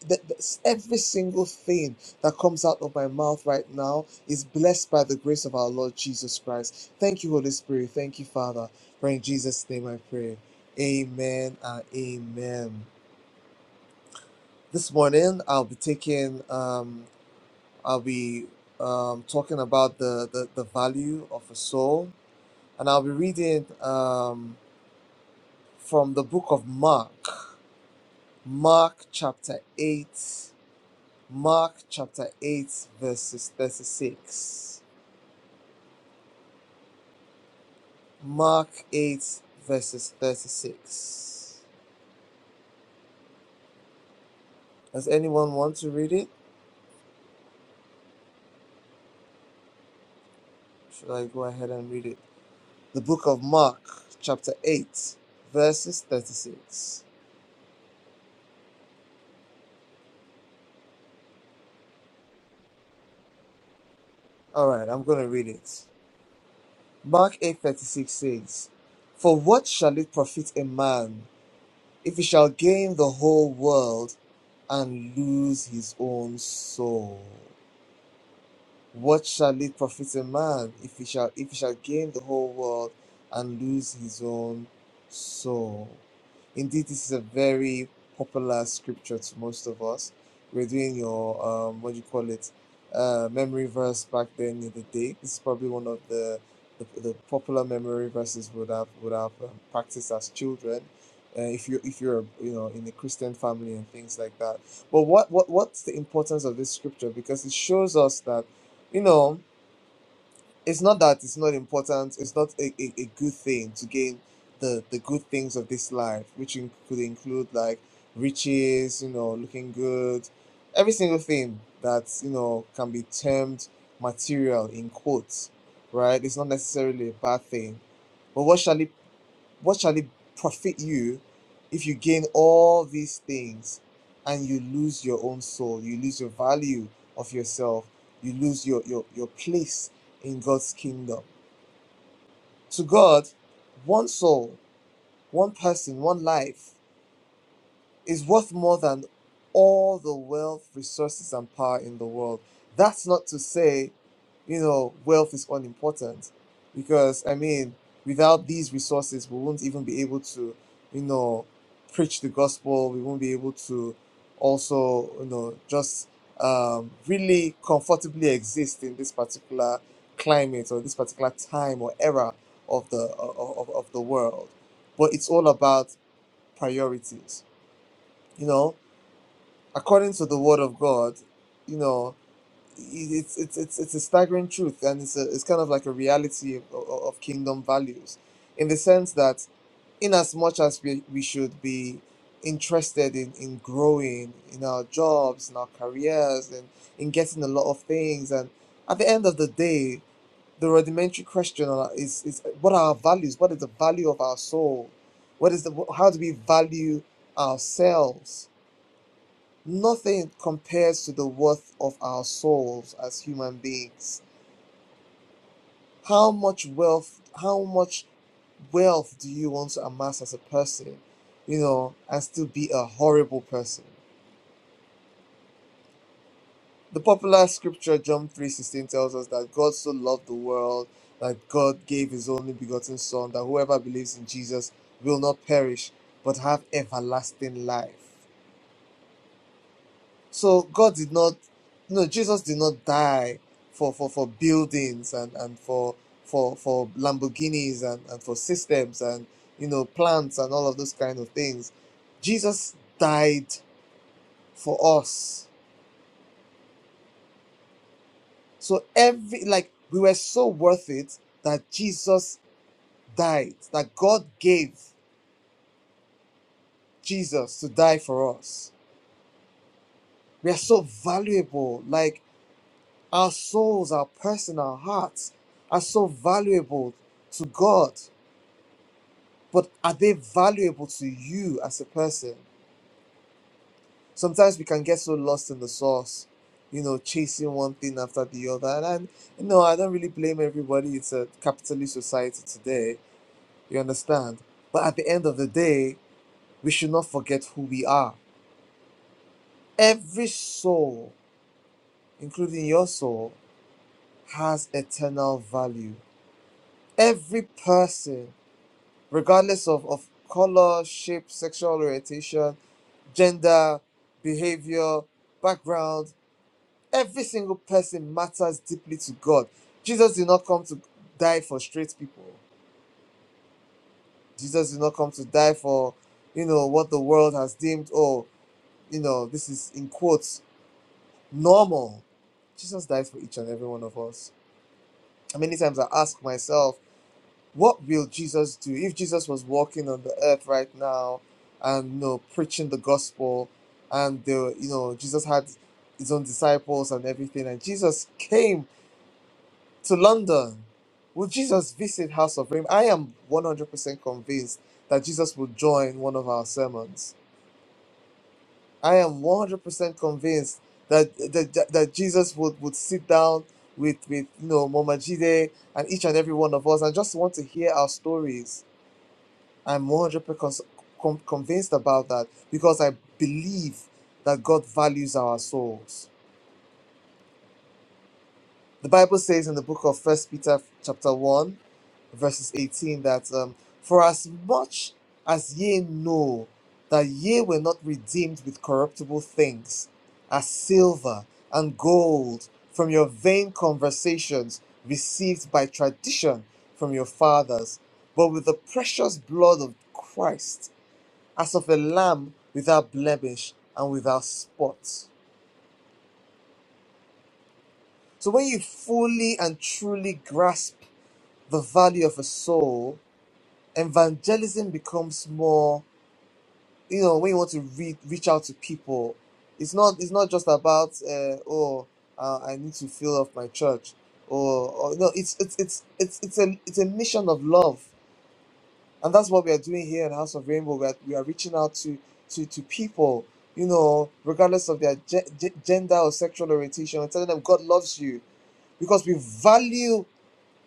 [SPEAKER 2] every single thing that comes out of my mouth right now is blessed by the grace of our Lord Jesus Christ. Thank you, Holy Spirit. Thank you, Father. For in Jesus' name I pray. Amen and amen. This morning I'll be taking um, I'll be um, talking about the, the, the value of a soul, and I'll be reading um, from the book of Mark, Mark chapter 8, Mark chapter 8, verses 36. Mark 8, verses 36. Does anyone want to read it? Should I go ahead and read it? The book of Mark, chapter 8, verses 36. All right, I'm going to read it. Mark 8:36 says, "For what shall it profit a man if he shall gain the whole world and lose his own soul?" What shall it profit a man if he shall if he shall gain the whole world and lose his own soul? Indeed, this is a very popular scripture to most of us. We're doing your um, what do you call it, uh, memory verse back then in the day. This is probably one of the the, the popular memory verses would have would have um, practiced as children. Uh, if you if you're you know in a Christian family and things like that. But what what what's the importance of this scripture? Because it shows us that you know, it's not that it's not important. It's not a, a, a good thing to gain the, the good things of this life, which in, could include like riches, you know, looking good, every single thing that, you know, can be termed material in quotes, right? It's not necessarily a bad thing. But what shall it what shall it profit you if you gain all these things and you lose your own soul? You lose your value of yourself. You lose your, your, your place in God's kingdom. To God, one soul, one person, one life is worth more than all the wealth, resources, and power in the world. That's not to say, you know, wealth is unimportant, because I mean, without these resources, we won't even be able to, you know, preach the gospel. We won't be able to also, you know, just um, really comfortably exist in this particular climate or this particular time or era of the of, of of the world. But it's all about priorities, you know according to the word of God, you know, it's it's it's it's a staggering truth, and it's a, it's kind of like a reality of, of of kingdom values, in the sense that, in as much as we, we should be interested in in growing in our jobs, in our careers, and in getting a lot of things, and at the end of the day, the rudimentary question are- is is what are our values? What is the value of our soul? What is the how do we value ourselves? Nothing compares to the worth of our souls as human beings. How much wealth, how much wealth do you want to amass as a person, you know, and still be a horrible person? The popular scripture John 3:16 tells us that God so loved the world that God gave his only begotten son that whoever believes in Jesus will not perish but have everlasting life. So God did not, no, Jesus did not die for for, for buildings and and for for for Lamborghinis and and for systems and you know plants and all of those kind of things. Jesus died for us. So every like we were so worth it that Jesus died. That God gave Jesus to die for us. We are so valuable. Like Our souls, our person, our hearts are so valuable to God, but are they valuable to you as a person? Sometimes we can get so lost in the sauce, you know, chasing one thing after the other. And i you know, I don't really blame everybody. It's a capitalist society today. You understand? But at the end of the day, we should not forget who we are. Every soul, including your soul, has eternal value. Every person regardless of, of color, shape, sexual orientation, gender, behavior, background. Every single person matters deeply to God. Jesus did not come to die for straight people. Jesus did not come to die for, you know, what the world has deemed, oh, you know, this is in quotes, normal. Jesus died for each and every one of us. Many times I ask myself, what will Jesus do if Jesus was walking on the earth right now and you know preaching the gospel and the you know Jesus had his own disciples and everything and Jesus came to London would Jesus visit House of Rain I am 100% convinced that Jesus will join one of our sermons I am 100% convinced that that, that that Jesus would would sit down with with you know Mama Jide and each and every one of us and just want to hear our stories I'm 100% con- convinced about that because I believe that God values our souls. The Bible says in the book of First Peter chapter 1 verses 18 that um, for as much as ye know that ye were not redeemed with corruptible things as silver and gold from your vain conversations received by tradition from your fathers, but with the precious blood of Christ as of a lamb without blemish and without spot. So when you fully and truly grasp the value of a soul, evangelism becomes more, you know, when you want to re- reach out to people, it's not it's not just about uh, oh uh, I need to fill up my church or, or no it's it's it's it's it's a it's a mission of love and that's what we are doing here in House of Rainbow. We are, we are reaching out to, to, to people, you know, regardless of their ge- gender or sexual orientation, and telling them God loves you because we value,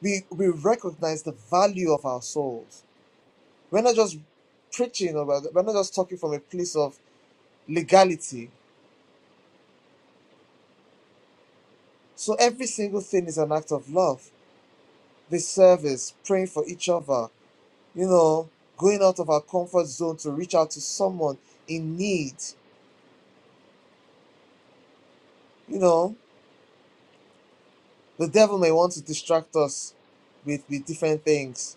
[SPEAKER 2] we, we recognize the value of our souls. We're not just preaching, or we're we're not just talking from a place of legality. So every single thing is an act of love. This service, praying for each other, you know, going out of our comfort zone to reach out to someone in need, you know the devil may want to distract us with, with different things.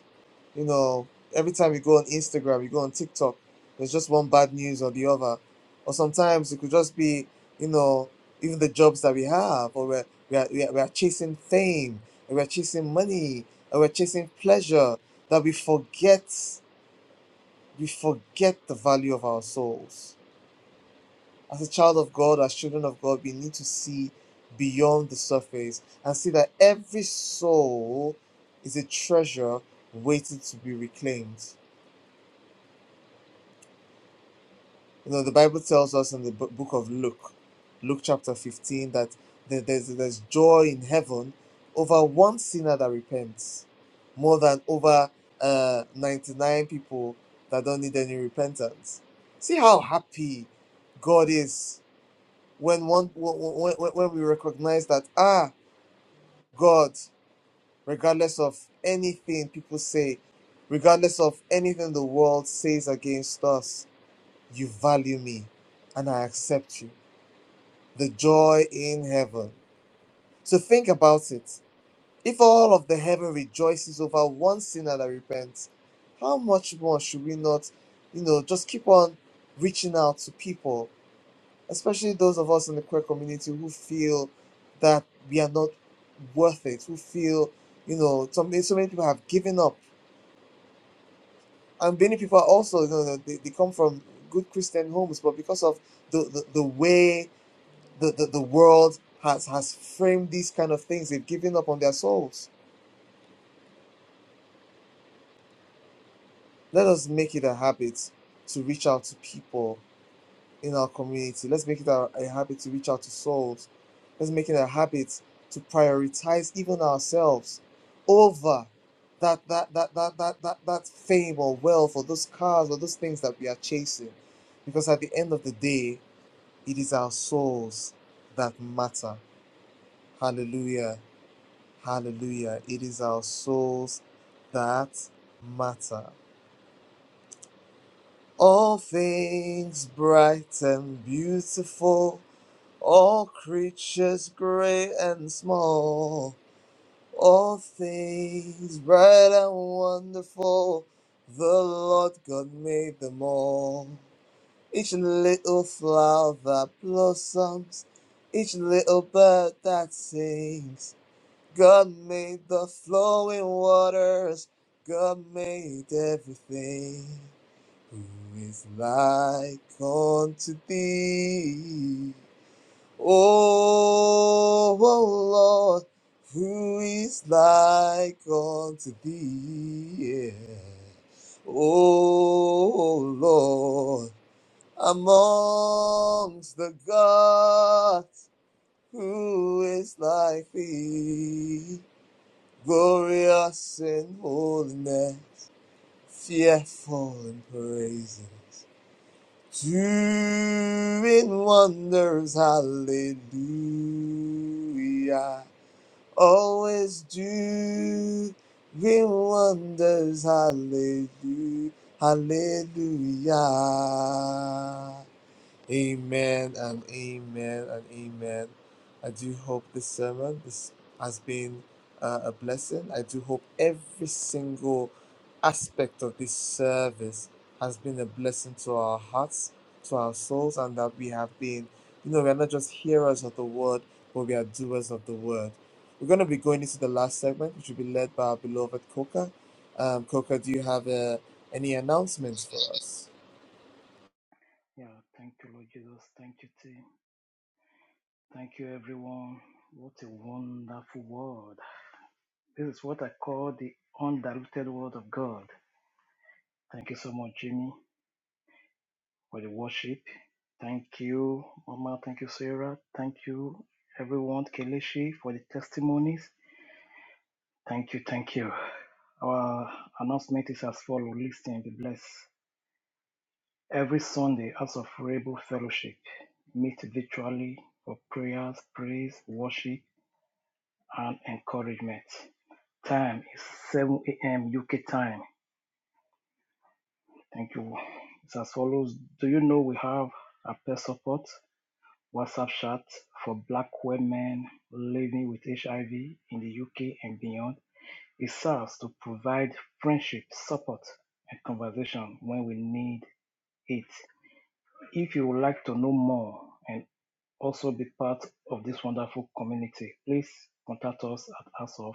[SPEAKER 2] You know, every time you go on Instagram, you go on TikTok, there's just one bad news or the other. Or sometimes it could just be, you know, even the jobs that we have, or we're, we, are, we, are, we are chasing fame, or we're chasing money, or we're chasing pleasure, that we forget, we forget the value of our souls. As a child of God, as children of God, we need to see beyond the surface and see that every soul is a treasure waiting to be reclaimed. You know, the Bible tells us in the book of Luke, Luke chapter 15, that there's, there's joy in heaven over one sinner that repents more than over uh, 99 people that don't need any repentance. See how happy God is when one when, when we recognize that ah god regardless of anything people say regardless of anything the world says against us you value me and i accept you the joy in heaven so think about it if all of the heaven rejoices over one sinner that repents how much more should we not you know just keep on reaching out to people especially those of us in the queer community who feel that we are not worth it, who feel, you know, so many, so many people have given up. And many people are also, you know, they, they come from good Christian homes, but because of the, the, the way the, the, the world has, has framed these kind of things, they've given up on their souls. Let us make it a habit to reach out to people in our community. Let's make it a, a habit to reach out to souls. Let's make it a habit to prioritize even ourselves over that that that that that that, that fame or wealth or those cars or those things that we are chasing. Because at the end of the day, it is our souls that matter. Hallelujah. Hallelujah. It is our souls that matter. All things bright and beautiful All creatures great and small, all things bright and wonderful, the Lord God made them all. Each little flower that blossoms, each little bird that sings. God made the flowing waters, God made everything. Who is like unto thee? Oh, oh Lord, who is like unto thee? Yeah. Oh oh, Lord, amongst the gods, who is like thee? Glorious in holiness, fearful in praises. Doing wonders, hallelujah. Always doing wonders, hallelujah, hallelujah. Amen and amen and amen. I do hope this sermon this has been uh, a blessing. I do hope every single aspect of this service has been a blessing to our hearts, to our souls, and that we have been, you know, we are not just hearers of the word, but we are doers of the word. We're going to be going into the last segment, which will be led by our beloved Coca. Um, Coca, do you have uh, any announcements for us?
[SPEAKER 9] Yeah, thank you, Lord Jesus. Thank you, team. Thank you, everyone. What a wonderful word. This is what I call the undiluted word of God. Thank you so much, Jimmy, for the worship. Thank you, Mama. Thank you, Sarah. Thank you, everyone, Keleshi, for the testimonies. Thank you, thank you. Our announcement is as follows. Listen, be blessed. Every Sunday, House of Rebel Fellowship, meet virtually for prayers, praise, worship, and encouragement. Time is 7 a.m. UK time. Thank you. It's as follows. Do you know we have a peer support WhatsApp chat for black women living with HIV in the UK and beyond? It serves to provide friendship, support, and conversation when we need it. If you would like to know more and also be part of this wonderful community, please contact us at House of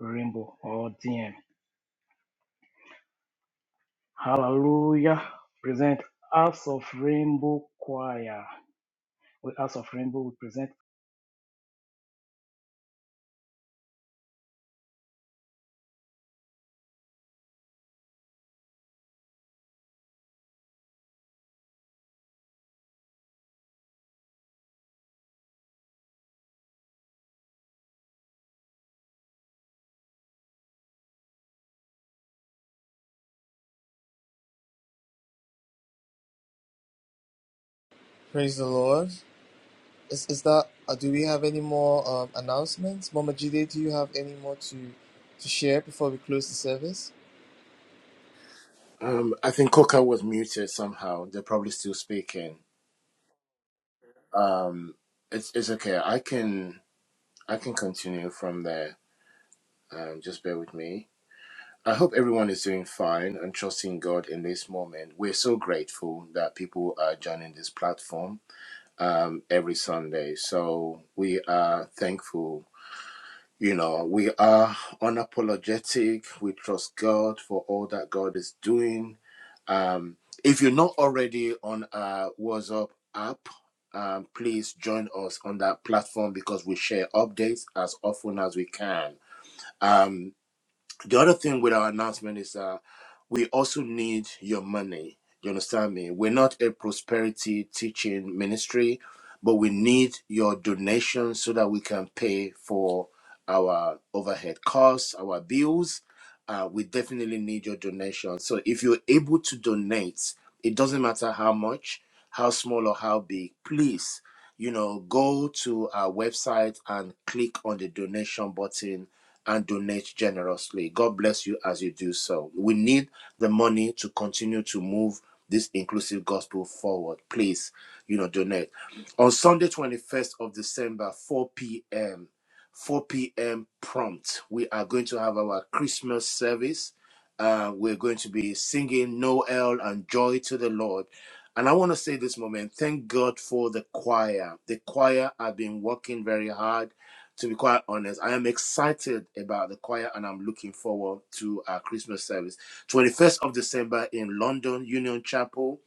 [SPEAKER 9] Rainbow or DM. Hallelujah. Present House of Rainbow Choir. We House of Rainbow will present
[SPEAKER 2] Praise the Lord. Is is that uh, do we have any more um, announcements? Mama Jide, do you have any more to to share before we close the service?
[SPEAKER 5] Um, I think Coca was muted somehow. They're probably still speaking. Um, it's it's okay. I can I can continue from there. Um, just bear with me. I hope everyone is doing fine and trusting God in this moment. We're so grateful that people are joining this platform um, every Sunday. So we are thankful You know, we are unapologetic. We trust God for all that God is doing. Um, if you're not already on our WhatsApp app, um, please join us on that platform because we share updates as often as we can. Um, the other thing with our announcement is that we also need your money. You understand me? We're not a prosperity teaching ministry, but we need your donations so that we can pay for our overhead costs, our bills. Uh, we definitely need your donation. So if you're able to donate, it doesn't matter how much, how small or how big, please, you know, go to our website and click on the donation button and donate generously. God bless you as you do so. We need the money to continue to move this inclusive gospel forward. Please, you know, donate. On Sunday, 21st of December, 4 p.m., 4 p.m. prompt, we are going to have our Christmas service. Uh, we're going to be singing Noel and Joy to the Lord. And I want to say this moment thank God for the choir. The choir have been working very hard. To be quite honest, I am excited about the choir and I'm looking forward to our Christmas service. 21st of December in London, Union Chapel,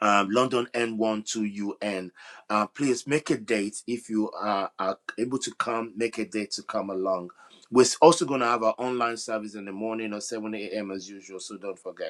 [SPEAKER 5] um, London N1 2UN. Uh, please make a date if you are, are able to come, make a date to come along. We're also going to have our online service in the morning at 7 a.m. as usual, so don't forget.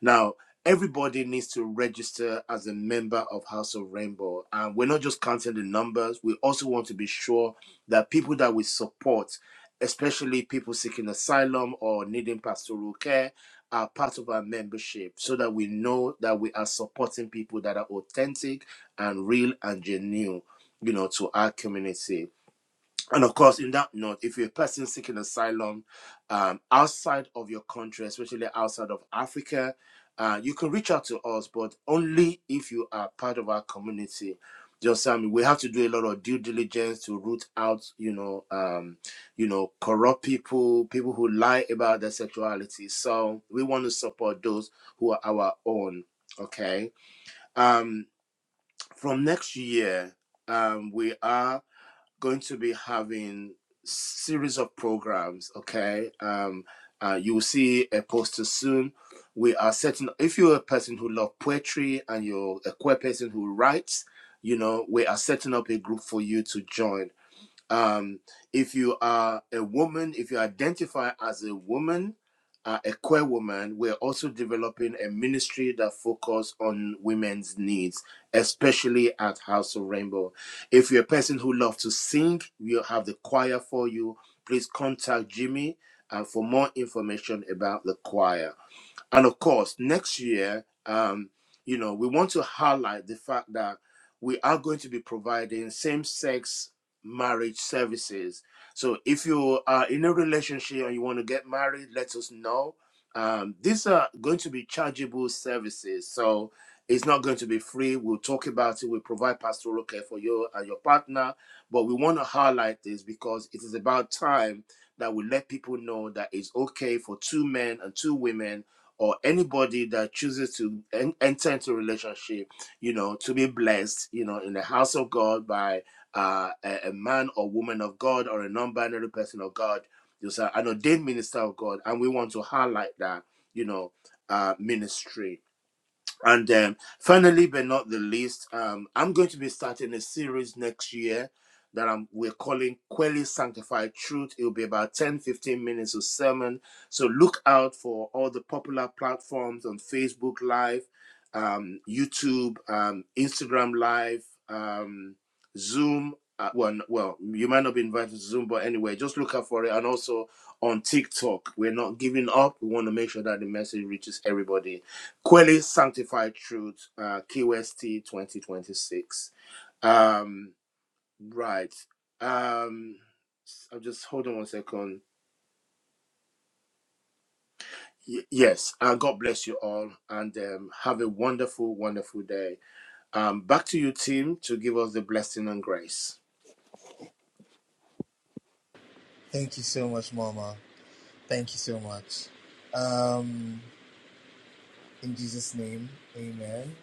[SPEAKER 5] Now, everybody needs to register as a member of House of Rainbow. And we're not just counting the numbers, we also want to be sure that people that we support, especially people seeking asylum or needing pastoral care, are part of our membership so that we know that we are supporting people that are authentic and real and genuine, you know, to our community. And of course, in that note, if you're a person seeking asylum um, outside of your country, especially outside of Africa, uh, you can reach out to us, but only if you are part of our community. Just I mean, we have to do a lot of due diligence to root out, you know, um, you know, corrupt people, people who lie about their sexuality. So we want to support those who are our own. Okay. Um, from next year, um, we are going to be having series of programs okay um uh, you will see a poster soon we are setting if you're a person who love poetry and you're a queer person who writes you know we are setting up a group for you to join um, if you are a woman, if you identify as a woman, uh, a queer woman, we're also developing a ministry that focuses on women's needs, especially at House of Rainbow. If you're a person who loves to sing, we have the choir for you. Please contact Jimmy uh, for more information about the choir. And of course, next year, um, you know, we want to highlight the fact that we are going to be providing same sex marriage services. So if you are in a relationship and you want to get married, let us know. Um, these are going to be chargeable services. So it's not going to be free. We'll talk about it. We provide pastoral care for you and your partner. But we want to highlight this because it is about time that we let people know that it's okay for two men and two women or anybody that chooses to en- enter into a relationship, you know, to be blessed, you know, in the house of God by uh, a, a man or woman of God or a non-binary person of God, you a- an ordained minister of God, and we want to highlight that, you know, uh, ministry and um, finally, but not the least, um, I'm going to be starting a series next year that I'm, we're calling Quelly Sanctified Truth. It'll be about 10, 15 minutes of sermon. So look out for all the popular platforms on Facebook Live, um, YouTube, um, Instagram Live, um, Zoom. Uh, well, well, you might not be invited to Zoom, but anyway, just look out for it. And also on TikTok, we're not giving up. We want to make sure that the message reaches everybody Quelly Sanctified Truth, uh, KWST 2026. Um, right. Um, I'll just hold on one second. Y- yes. Uh, God bless you all and um, have a wonderful, wonderful day. Um, back to you, team, to give us the blessing and grace.
[SPEAKER 2] Thank you so much, Mama. Thank you so much. Um, in Jesus' name, amen.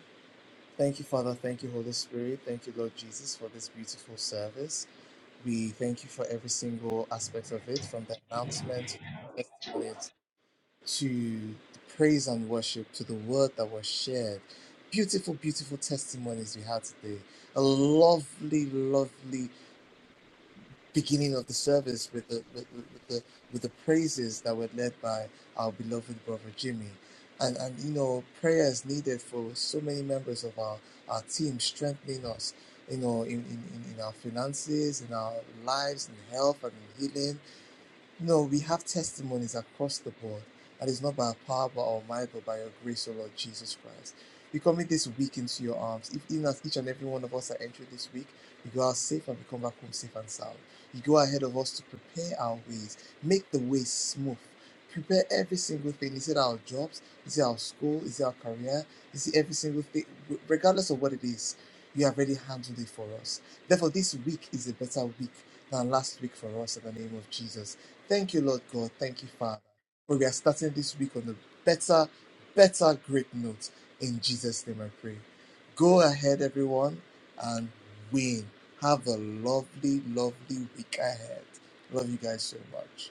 [SPEAKER 2] Thank you, Father. Thank you, Holy Spirit. Thank you, Lord Jesus, for this beautiful service. We thank you for every single aspect of it, from the announcement to the testimonies to the praise and worship, to the word that was shared. Beautiful, beautiful testimonies we had today. A lovely, lovely beginning of the service with the with, with the with the praises that were led by our beloved brother Jimmy. And and you know, prayer is needed for so many members of our, our team, strengthening us, you know, in, in in our finances, in our lives, in health and in healing no, we have testimonies across the board. And it's not by our power, but our might, but by your grace, O Lord Jesus Christ. We commit this week into your arms. If even as each and every one of us are entering this week, we go out safe and we come back home safe and sound. You go ahead of us to prepare our ways, make the way smooth. Prepare every single thing. Is it our jobs? Is it our school? Is it our career? Is it every single thing? Regardless of what it is, you have already handled it for us. Therefore, this week is a better week than last week for us in the name of Jesus. Thank you, Lord God. Thank you, Father. For we are starting this week on a better, better great note. In Jesus' name I pray. Go ahead, everyone, and win. Have a lovely, lovely week ahead. Love you guys so much.